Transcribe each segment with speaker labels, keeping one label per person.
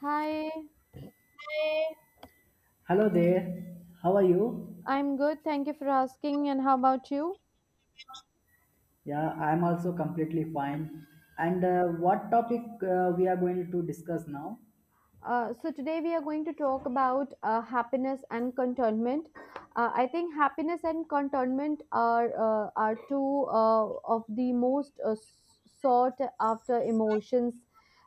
Speaker 1: Hi,
Speaker 2: Hello there. How are you?
Speaker 1: I'm good. Thank you for asking. And how about you?
Speaker 2: Yeah, I'm also completely fine. And what topic we are going to discuss now?
Speaker 1: Today we are going to talk about happiness and contentment. I think happiness and contentment are two of the most sought after emotions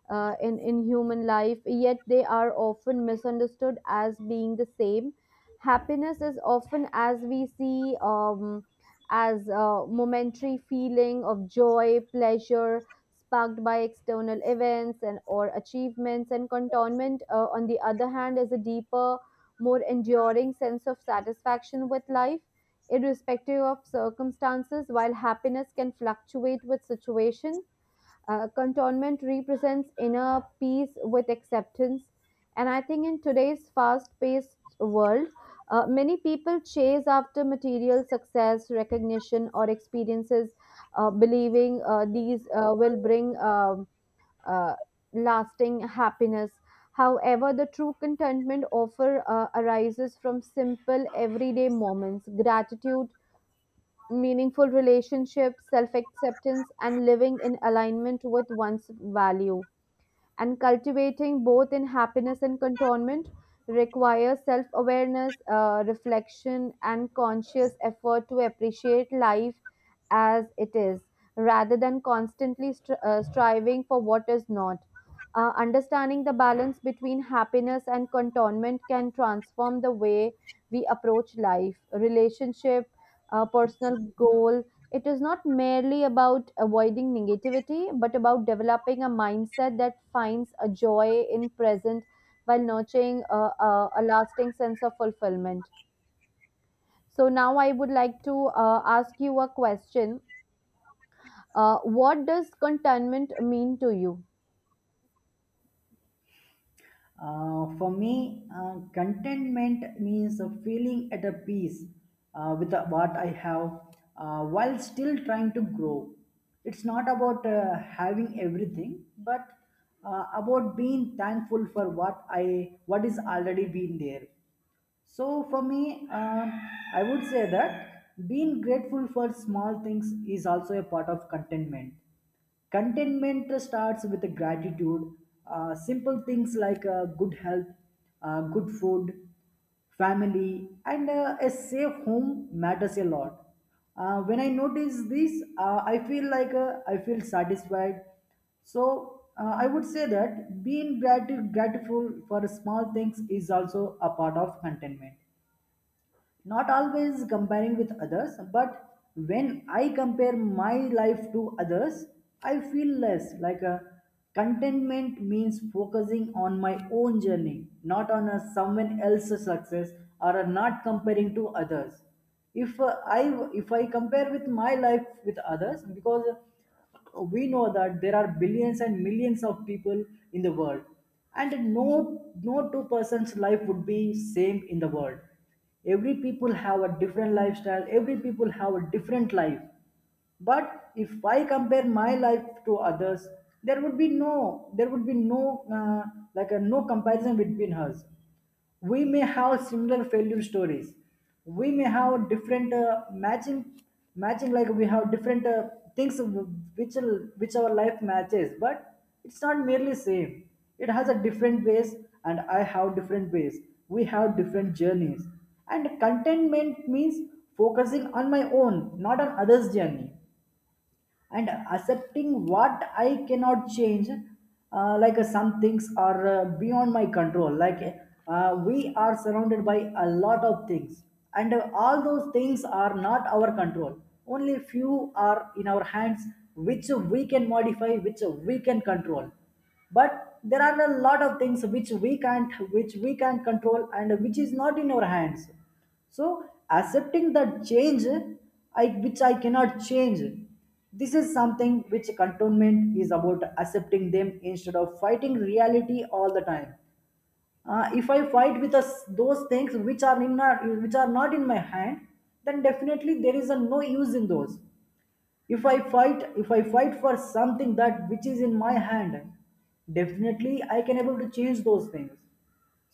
Speaker 1: in human life, yet they are often misunderstood as being the same. Happiness is often, as we see, as a momentary feeling of joy, pleasure, sparked by external events and or achievements, and contentment, on the other hand, is a deeper, more enduring sense of satisfaction with life irrespective of circumstances. While happiness can fluctuate with situation, cantonment represents inner peace with acceptance. And I think in today's fast paced world, many people chase after material success, recognition, or experiences, believing these will bring uh, lasting happiness. However, the true contentment offer arises from simple everyday moments, gratitude, meaningful relationships, self acceptance, and living in alignment with one's value. And cultivating both in happiness and contentment requires self awareness, reflection, and conscious effort to appreciate life as it is, rather than constantly striving for what is not. Understanding the balance between happiness and contentment can transform the way we approach life, relationship, personal goals. It is not merely about avoiding negativity, but about developing a mindset that finds a joy in present while nurturing a lasting sense of fulfillment. So now I would like to ask you a question. What does contentment mean to you?
Speaker 2: For me, contentment means a feeling at a peace with what I have while still trying to grow. It's not about having everything, but about being thankful for what I what is already been there. So for me, I would say that being grateful for small things is also a part of contentment. Contentment starts with gratitude. Simple things like good health, good food, family, and a safe home matters a lot. When I notice this, I feel like I feel satisfied. So I would say that being grateful for small things is also a part of contentment. Not always comparing with others, but when I compare my life to others, I feel less like a contentment means focusing on my own journey, not on a someone else's success or a not comparing to others if I if I compare with my life with others because we know that there are billions and millions of people in the world and no no two persons life would be same in the world every people have a different lifestyle every people have a different life but if I compare my life to others there would be no like a no comparison between us we may have similar failure stories we may have different matching matching like we have different things which which our life matches but it's not merely same it has a different ways and I have different ways we have different journeys and contentment means focusing on my own not on others journey and accepting what I cannot change, like some things are beyond my control. Like we are surrounded by a lot of things, and all those things are not our control. Only few are in our hands, which we can modify, which we can control. But there are a lot of things which we can't control, and which is not in our hands so accepting that change I, which I cannot change this is something which cantonment is about accepting them instead of fighting reality all the time if I fight with us those things which are in not which are not in my hand then definitely there is a no use in those if I fight for something that which is in my hand definitely I can able to change those things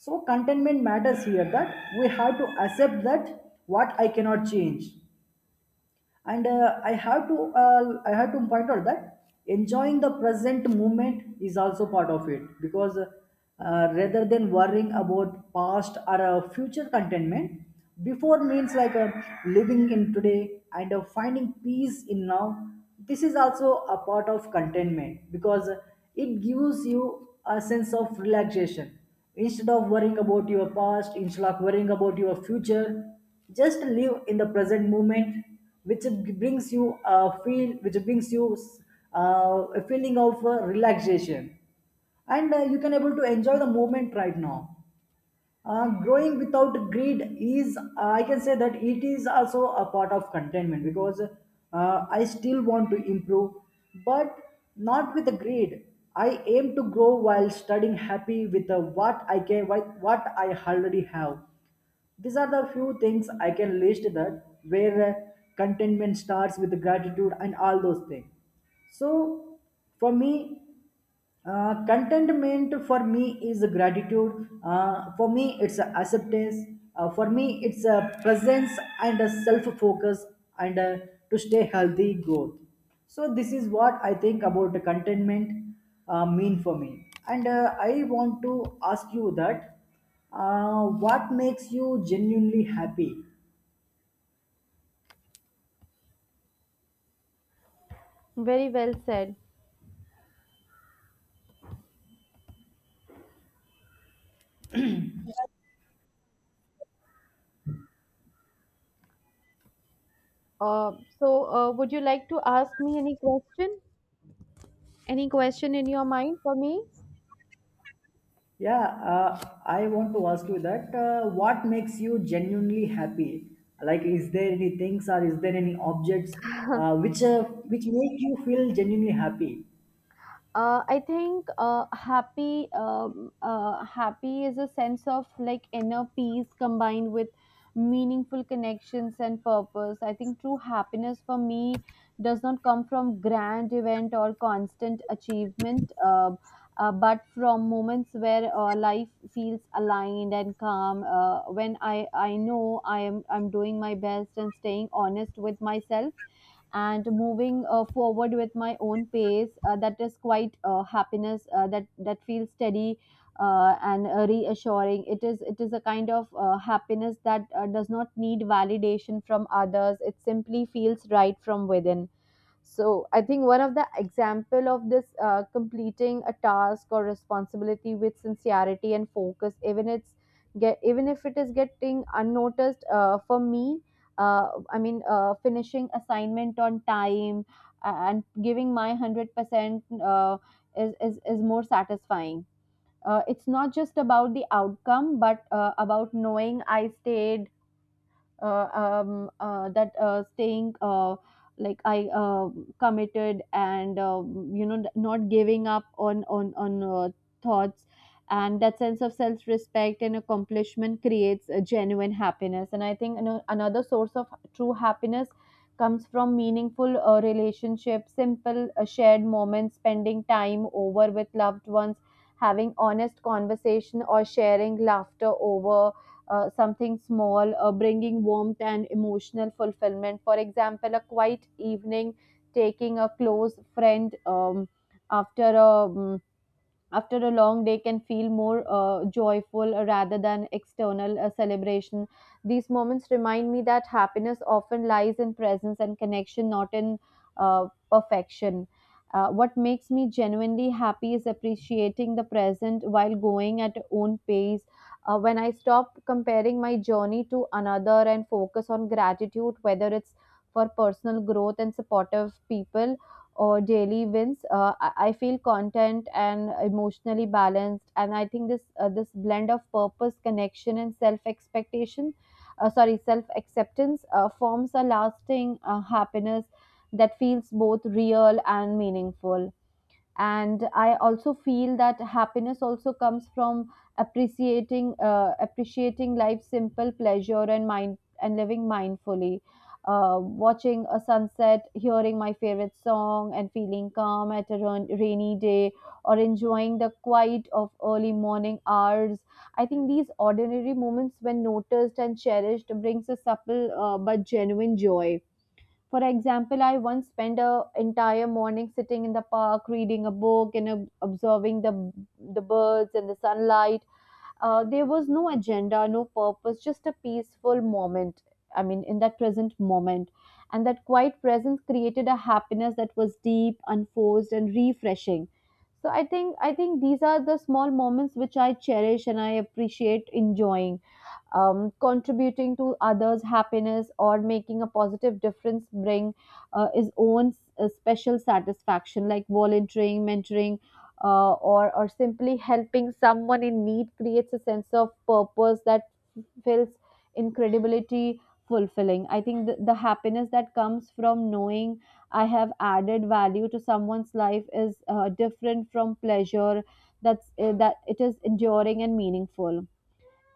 Speaker 2: so contentment matters here that we have to accept that what I cannot change and I have to point out that enjoying the present moment is also part of it because rather than worrying about past or future contentment before means like living in today and finding peace in now this is also a part of contentment because it gives you a sense of relaxation instead of worrying about your past instead of worrying about your future just live in the present moment which brings you a feeling of relaxation and you can able to enjoy the moment right now growing without greed is I can say that it is also a part of contentment because I still want to improve but not with the greed I aim to grow while studying happy with what I already have these are the few things I can list that where contentment starts with gratitude and all those things. So for me, contentment for me is gratitude. For me, it's acceptance. For me, it's a presence and a self-focus and to stay healthy growth. So this is what I think about the contentment mean for me. And I want to ask you that. What makes you genuinely happy?
Speaker 1: Very well said. Uh, would you like to ask me any question? Any question in your mind for me?
Speaker 2: Yeah, I want to ask you that. What makes you genuinely happy? Like, is there any things or is there any objects uh, which uh, which make you feel genuinely happy?
Speaker 1: I think happy is a sense of like inner peace combined with meaningful connections and purpose. I think true happiness for me does not come from grand event or constant achievement, but from moments where life feels aligned and calm. When I know I'm doing my best and staying honest with myself and moving forward with my own pace, that is quite happiness that feels steady and reassuring. It is a kind of happiness that does not need validation from others. It simply feels right from within. So I think one of the example of this, completing a task or responsibility with sincerity and focus, even it's get even if it is getting unnoticed. For me, finishing assignment on time and giving my 100% percent is more satisfying. It's not just about the outcome, but about knowing I stayed that staying like I committed and not giving up on thoughts. And that sense of self respect and accomplishment creates a genuine happiness. And I think you another source of true happiness comes from meaningful relationships, simple shared moments, spending time over with loved ones, having honest conversation or sharing laughter over something small, bringing warmth and emotional fulfillment. For example, a quiet evening taking a close friend after a um, after a long day can feel more joyful rather than external celebration. These moments remind me that happiness often lies in presence and connection, not in perfection. What makes me genuinely happy is appreciating the present while going at own pace. When I stop comparing my journey to another and focus on gratitude, whether it's for personal growth and supportive people or daily wins, I feel content and emotionally balanced. And I think this blend of purpose, connection, and self expectation, sorry, self acceptance, forms a lasting happiness that feels both real and meaningful. And I also feel that happiness also comes from appreciating life's simple pleasure and mind, and living mindfully, watching a sunset, hearing my favorite song, and feeling calm at a rainy day, or enjoying the quiet of early morning hours. I think these ordinary moments, when noticed and cherished, brings a supple but genuine joy. For example, I once spent a entire morning sitting in the park, reading a book and observing the birds and the sunlight. There was no agenda, no purpose, just a peaceful moment. In that present moment, and that quiet presence created a happiness that was deep, unforced, and refreshing. So I think these are the small moments which I cherish and I appreciate enjoying. Contributing to others' happiness or making a positive difference bring his own special satisfaction, like volunteering, mentoring, or simply helping someone in need creates a sense of purpose that feels incredibility fulfilling. I think the happiness that comes from knowing I have added value to someone's life is different from pleasure. That's that It is enduring and meaningful.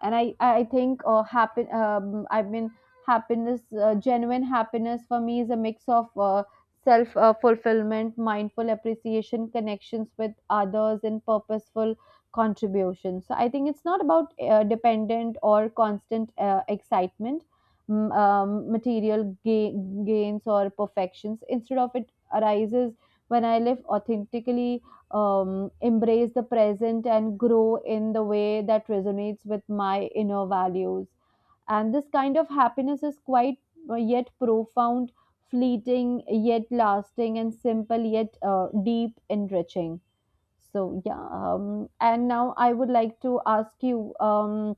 Speaker 1: And I think happen I mean happiness, genuine happiness for me is a mix of self fulfillment, mindful appreciation, connections with others, and purposeful contribution. So I think it's not about dependent or constant excitement, material gains or perfections. Instead of it, arises when I live authentically, embrace the present, and grow in the way that resonates with my inner values. And this kind of happiness is quite yet profound, fleeting yet lasting, and simple yet deep, enriching. So, yeah. And now I would like to ask you um,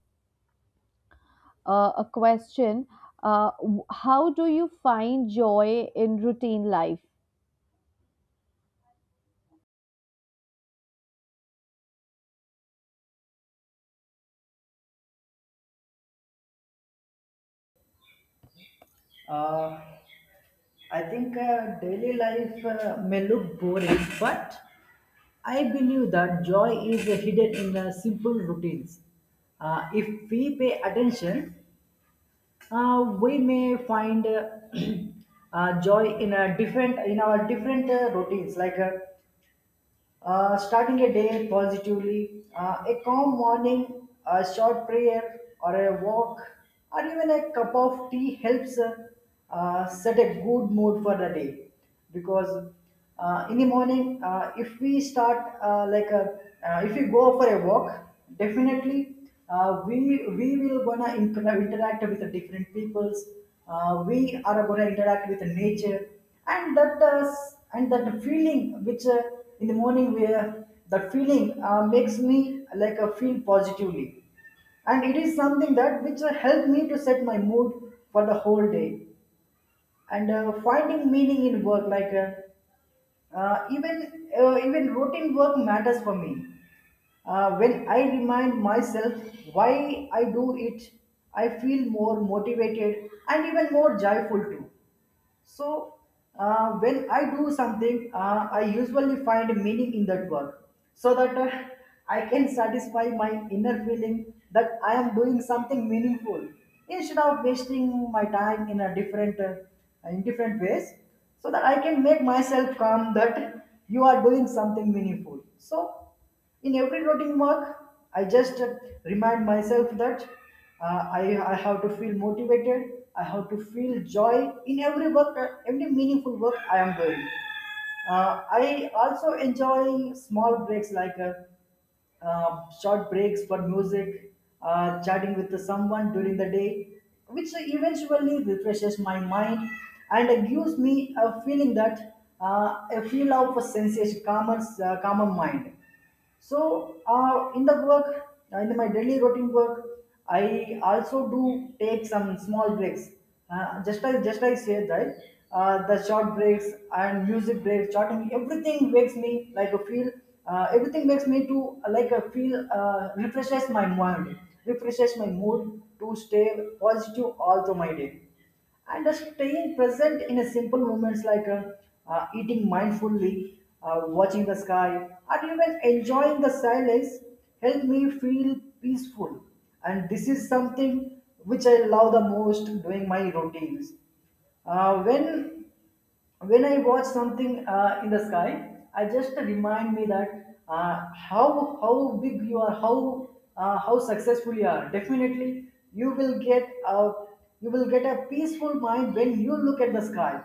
Speaker 1: uh, a question. How do you find joy in routine life?
Speaker 2: Uh, I think daily life may look boring, but I believe that joy is hidden in the simple routines. If we pay attention, we may find joy in a different in our different routines like starting a day positively a calm morning a short prayer or a walk or even a cup of tea helps set a good mood for the day because in the morning if we start like a, if we go for a walk definitely uh, we we will gonna interact with the different peoples we are gonna interact with the nature and that and that feeling which in the morning where that feeling makes me like feel positively and it is something that which helped me to set my mood for the whole day and finding meaning in work like even routine work matters for me when I remind myself why I do it, I feel more motivated and even more joyful too. So, when I do something, I usually find meaning in that work so that I can satisfy my inner feeling that I am doing something meaningful instead of wasting my time in a different in different ways so that I can make myself calm that you are doing something meaningful. So in every routine work I just remind myself that I have to feel motivated I have to feel joy in every work every meaningful work I am doing I also enjoy small breaks like short breaks for music chatting with someone during the day which eventually refreshes my mind and gives me a feeling that a feel of a sensation calmer, calmer mind so, in the work, in my daily routine work, I also do take some small breaks. Just I said, right? The short breaks and music breaks, shorting, everything makes me like a feel. Everything makes me to like a feel refreshes my mind, refreshes my mood to stay positive all through my day and staying present in a simple moments like eating mindfully, watching the sky, or even enjoying the silence help me feel peaceful. And this is something which I love the most doing my routines. Uh, when when I watch something in the sky, I just remind me that how big you are, how successful you are. Definitely, you will get a peaceful mind when you look at the sky,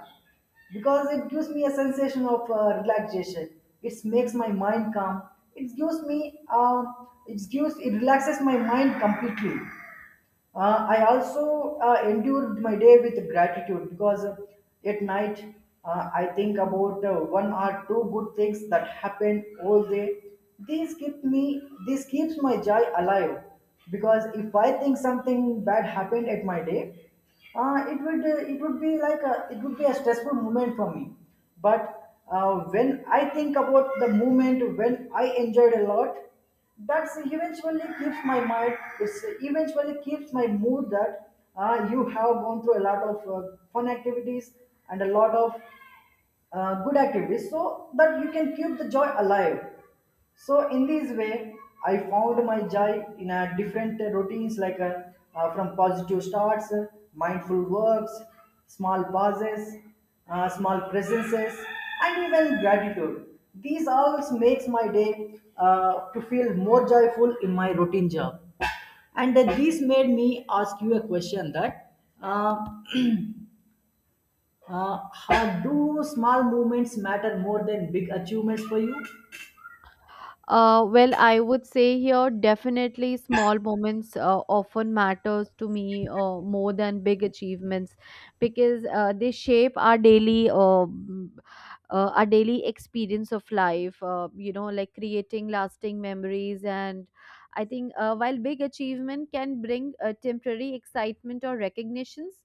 Speaker 2: because it gives me a sensation of relaxation. It makes my mind calm. It gives me it gives It relaxes my mind completely. I also endured my day with gratitude because at night I think about one or two good things that happened all day. These keep me, this keeps my joy alive because if I think something bad happened at my day, it would be like a, it would be a stressful moment for me. But when I think about the moment when I enjoyed a lot, that's eventually keeps my mind it's eventually keeps my mood that you have gone through a lot of fun activities and a lot of good activities so that you can keep the joy alive so in this way, I found my joy in a different routines like from positive starts, mindful works, small pauses, small presences, and even gratitude. These all makes my day to feel more joyful in my routine job. And this made me ask you a question that uh, how do small movements matter more than big achievements for you?
Speaker 1: Well, I would say here definitely small moments often matters to me more than big achievements, because they shape our daily mm, our daily experience of life. You know, like creating lasting memories. And I think while big achievement can bring temporary excitement or recognitions,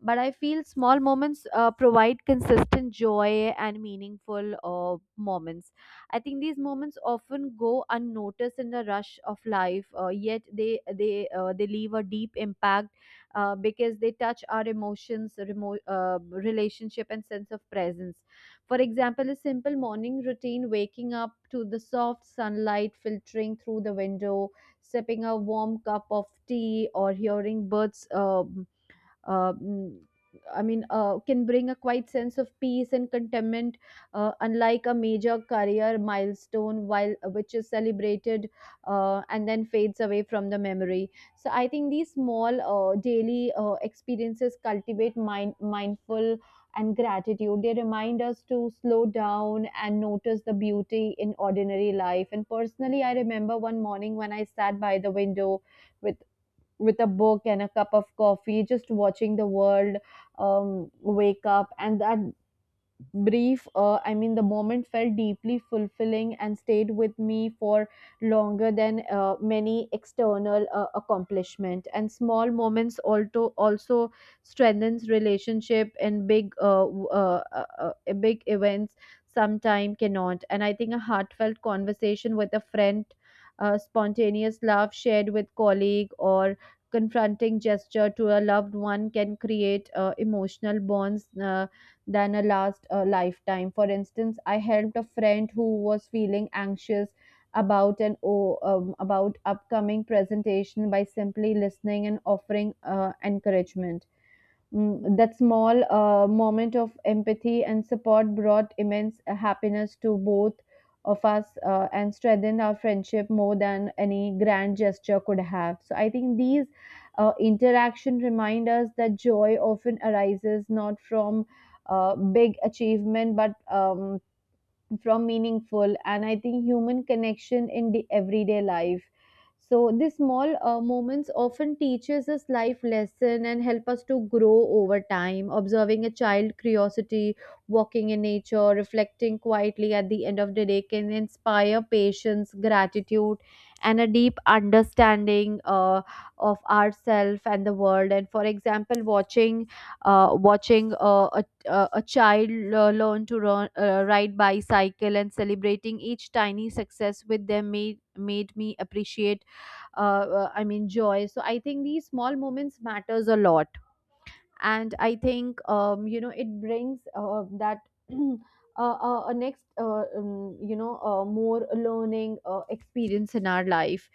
Speaker 1: but I feel small moments provide consistent joy and meaningful moments. I think these moments often go unnoticed in the rush of life, yet they leave a deep impact because they touch our emotions, relationship, and sense of presence. For example, a simple morning routine, waking up to the soft sunlight filtering through the window, sipping a warm cup of tea, or hearing birds. Uh, mm, can bring a quiet sense of peace and contentment, unlike a major career milestone, while which is celebrated and then fades away from the memory. So I think these small daily experiences cultivate mind mindful and gratitude. They remind us to slow down and notice the beauty in ordinary life. And personally, I remember one morning when I sat by the window with with a book and a cup of coffee, just watching the world wake up, and that brief the moment felt deeply fulfilling and stayed with me for longer than many external accomplishment. And small moments also strengthens relationship and big big events sometime cannot. And I think a heartfelt conversation with a friend, spontaneous love shared with colleague, or confronting gesture to a loved one can create emotional bonds than a last lifetime. For instance, I helped a friend who was feeling anxious about about upcoming presentation by simply listening and offering encouragement. That small moment of empathy and support brought immense happiness to both of us and strengthened our friendship more than any grand gesture could have. So I think these interaction remind us that joy often arises not from big achievement but from meaningful and I think human connection in the everyday life. So these small moments often teaches us life lesson and help us to grow over time, observing a child curiosity, walking in nature, reflecting quietly at the end of the day can inspire patience, gratitude, and a deep understanding of ourself and the world. And for example, watching a child learn to run, ride bicycle and celebrating each tiny success with them made me appreciate joy. So I think these small moments matters a lot. And I think it brings that a next more learning experience in our life.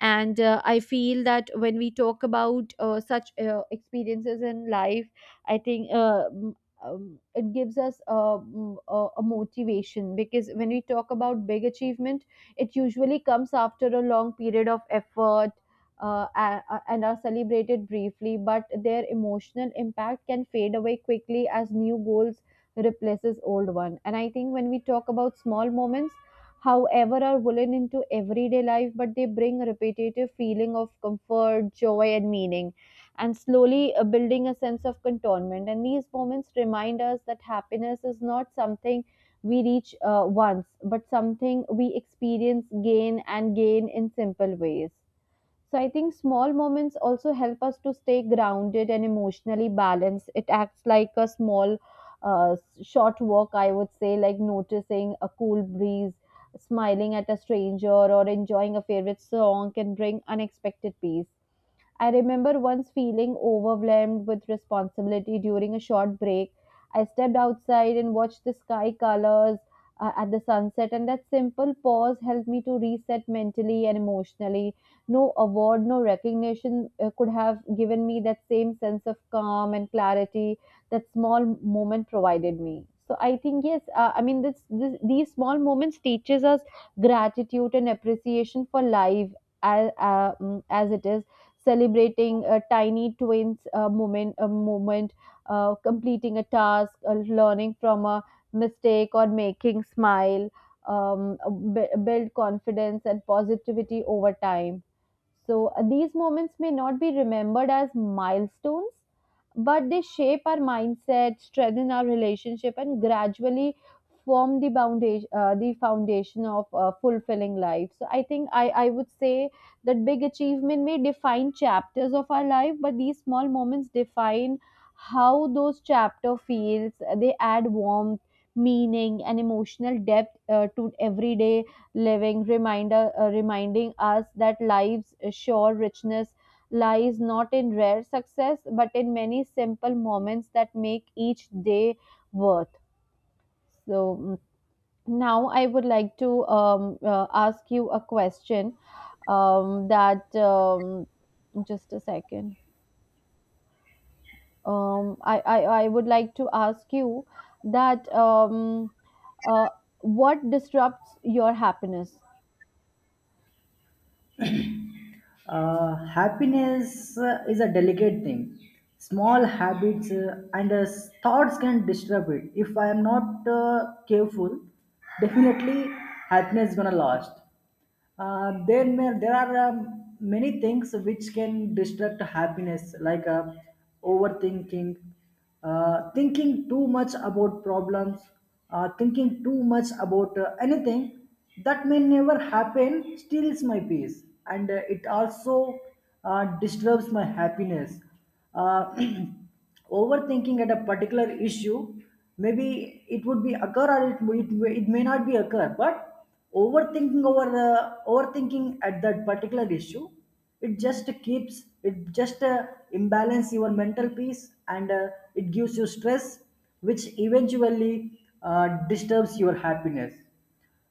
Speaker 1: And I feel that when we talk about such experiences in life, I think it gives us a motivation, because when we talk about big achievement, it usually comes after a long period of effort and are celebrated briefly, but their emotional impact can fade away quickly as new goals replaces old one. And I think when we talk about small moments, however, are woven into everyday life, but they bring a repetitive feeling of comfort, joy, and meaning, and slowly building a sense of contentment. And these moments remind us that happiness is not something we reach once, but something we experience, gain, and gain in simple ways. So I think small moments also help us to stay grounded and emotionally balanced. It acts like a small, uh, short walk, I would say, like noticing a cool breeze, smiling at a stranger, or enjoying a favorite song can bring unexpected peace. I remember once feeling overwhelmed with responsibility during a short break. I stepped outside and watched the sky colors at the sunset, and that simple pause helped me to reset mentally and emotionally. No award, no recognition could have given me that same sense of calm and clarity that small moment provided me. So I think yes, I mean this, this these small moments teaches us gratitude and appreciation for life as as it is, celebrating a tiny twins a moment, completing a task, learning from a mistake, or making smile, um, build confidence and positivity over time. So these moments may not be remembered as milestones, but they shape our mindset, strengthen our relationship, and gradually form the foundation of a fulfilling life. So I think I would say that big achievement may define chapters of our life, but these small moments define how those chapter feels. They add warmth, meaning, and emotional depth to everyday living, reminder reminding us that life's sure richness lies not in rare success but in many simple moments that make each day worth. So now I would like to ask you a question that just a second. I would like to ask you that uh, what disrupts your happiness?
Speaker 2: Happiness is a delicate thing. Small habits and thoughts can disturb it. If I am not careful, definitely happiness is gonna last. There are many things which can distract happiness, like overthinking. Thinking too much about problems, thinking too much about anything that may never happen steals my peace, and it also disturbs my happiness. uh, Overthinking at a particular issue, maybe it would be occur or it may not be occur, but overthinking at that particular issue, it just keeps it just imbalance your mental peace, and it gives you stress which eventually uh, disturbs your happiness.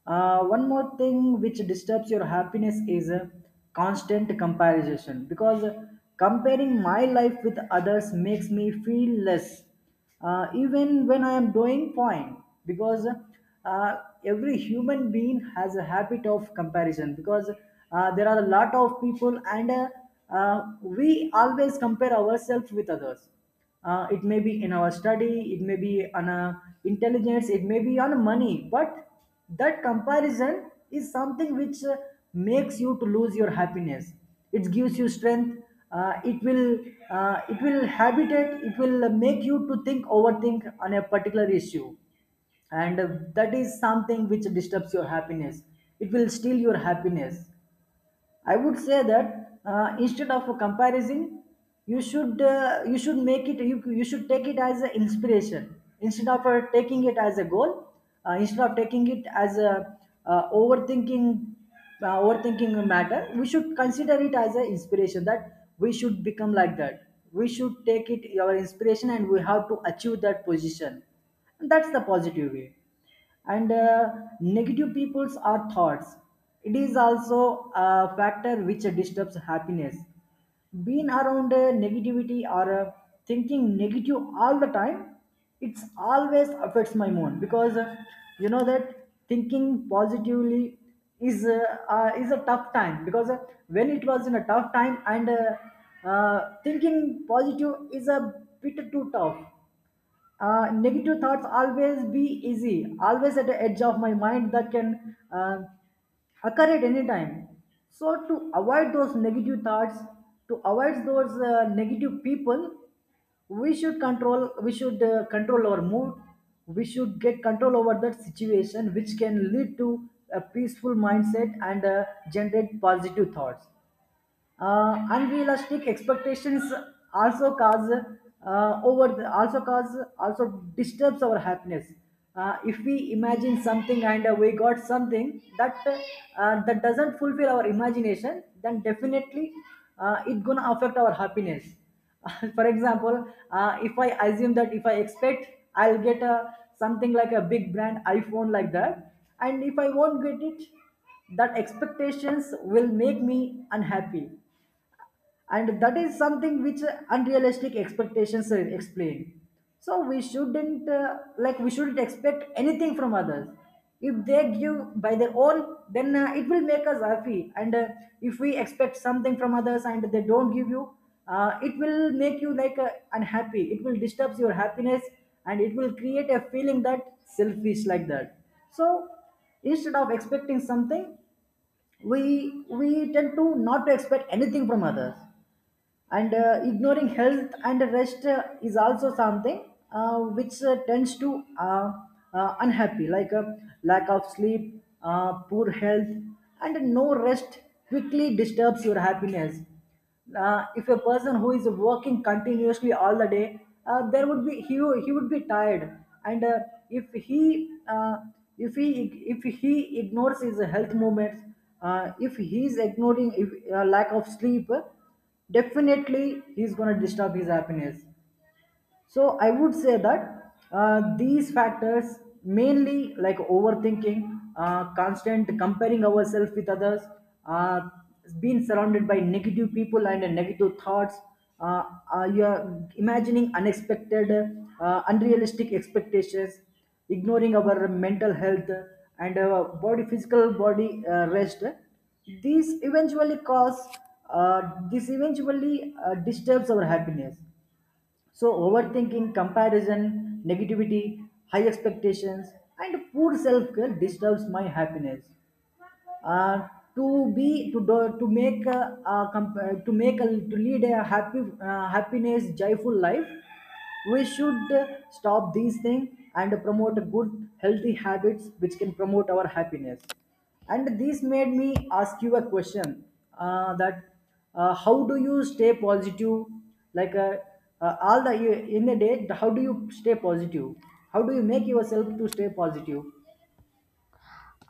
Speaker 2: One more thing which disturbs your happiness is a constant comparison, because comparing my life with others makes me feel less, even when I am doing fine. Because every human being has a habit of comparison, because there are a lot of people, and we always compare ourselves with others. It may be in our study, it may be on a intelligence, it may be on money, but that comparison is something which makes you to lose your happiness. It gives you strength. uh, it will it will habitate, it will make you to think, overthink on a particular issue, and that is something which disturbs your happiness, it will steal your happiness. I would say that instead of comparison, you should make it, you should take it as an inspiration, instead of taking it as a goal, instead of taking it as a overthinking overthinking matter. We should consider it as an inspiration that we should become like that. We should take it our inspiration, and we have to achieve that position. And that's the positive way. And negative peoples are thoughts, it is also a factor which disturbs happiness. Being around negativity or thinking negative all the time, it's always affects my mood, because you know that thinking positively is uh, is a tough time, because when it was in a tough time, and thinking positive is a bit too tough. Negative thoughts always be easy, always at the edge of my mind, that can occur at any time. So to avoid those negative thoughts, to avoid those negative people, we should control. We should control our mood. We should get control over that situation, which can lead to a peaceful mindset and generate positive thoughts. Unrealistic expectations also cause also cause, also disturbs our happiness. If we imagine something and we got something that that doesn't fulfill our imagination, then definitely it gonna affect our happiness. For example, if I assume that, if I expect I'll get a something like a big brand iPhone like that, and if I won't get it, that expectations will make me unhappy, and that is something which unrealistic expectations are explained. So we shouldn't like, we shouldn't expect anything from others. If they give by their own, then it will make us happy, and if we expect something from others and they don't give you, it will make you like unhappy, it will disturb your happiness, and it will create a feeling that selfish like that. So instead of expecting something, we tend to not to expect anything from others. And ignoring health and rest is also something which tends to unhappy, like a lack of sleep, poor health and no rest quickly disturbs your happiness. If a person who is working continuously all the day, there would be he, wo- he would be tired, and if he uh, if he if he ignores his health movements, if he is ignoring, if, lack of sleep, definitely he's gonna disturb his happiness. So I would say that these factors, mainly like overthinking, constant comparing ourselves with others, uh, being surrounded by negative people and negative thoughts, uh, you are imagining unexpected, unrealistic expectations, ignoring our mental health and our body, physical body rest, these eventually cause uh, this eventually disturbs our happiness. So overthinking, comparison, negativity, high expectations, and poor self care disturbs my happiness. uh, to make a, to make a, to lead a happy happiness joyful life, we should stop these things and promote good healthy habits which can promote our happiness. And this made me ask you a question, that how do you stay positive, like all the, in the day, how do you stay positive, how do you make yourself to stay positive?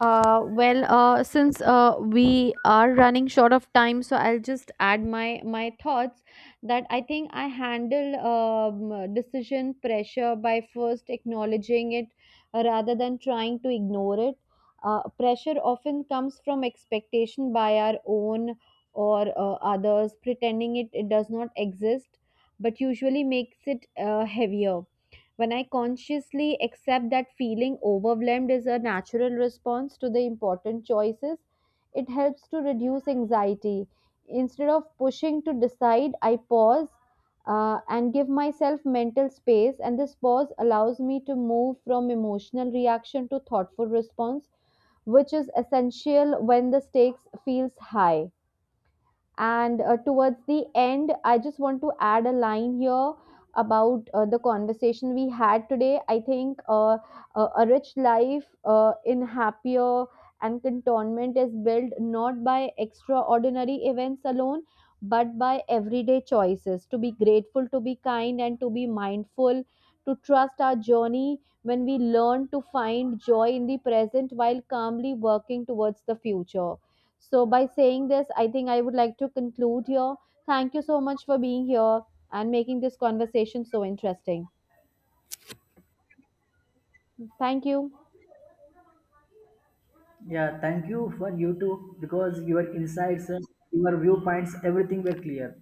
Speaker 1: Well, since we are running short of time, so I'll just add my thoughts that I think I handle decision pressure by first acknowledging it rather than trying to ignore it. Pressure often comes from expectation by our own or others, pretending it does not exist, but usually makes it heavier. When I consciously accept that feeling overwhelmed is a natural response to the important choices, it helps to reduce anxiety. Instead of pushing to decide, I pause and give myself mental space, and this pause allows me to move from emotional reaction to thoughtful response, which is essential when the stakes feels high. And towards the end, I just want to add a line here about the conversation we had today. I think a rich life in happier and contentment is built not by extraordinary events alone, but by everyday choices to be grateful, to be kind, and to be mindful, to trust our journey when we learn to find joy in the present while calmly working towards the future. So, by saying this, I think I would like to conclude here. Thank you so much for being here and making this conversation so interesting. Thank you.
Speaker 2: Yeah, thank you for you too, because your insights, your viewpoints, everything were clear.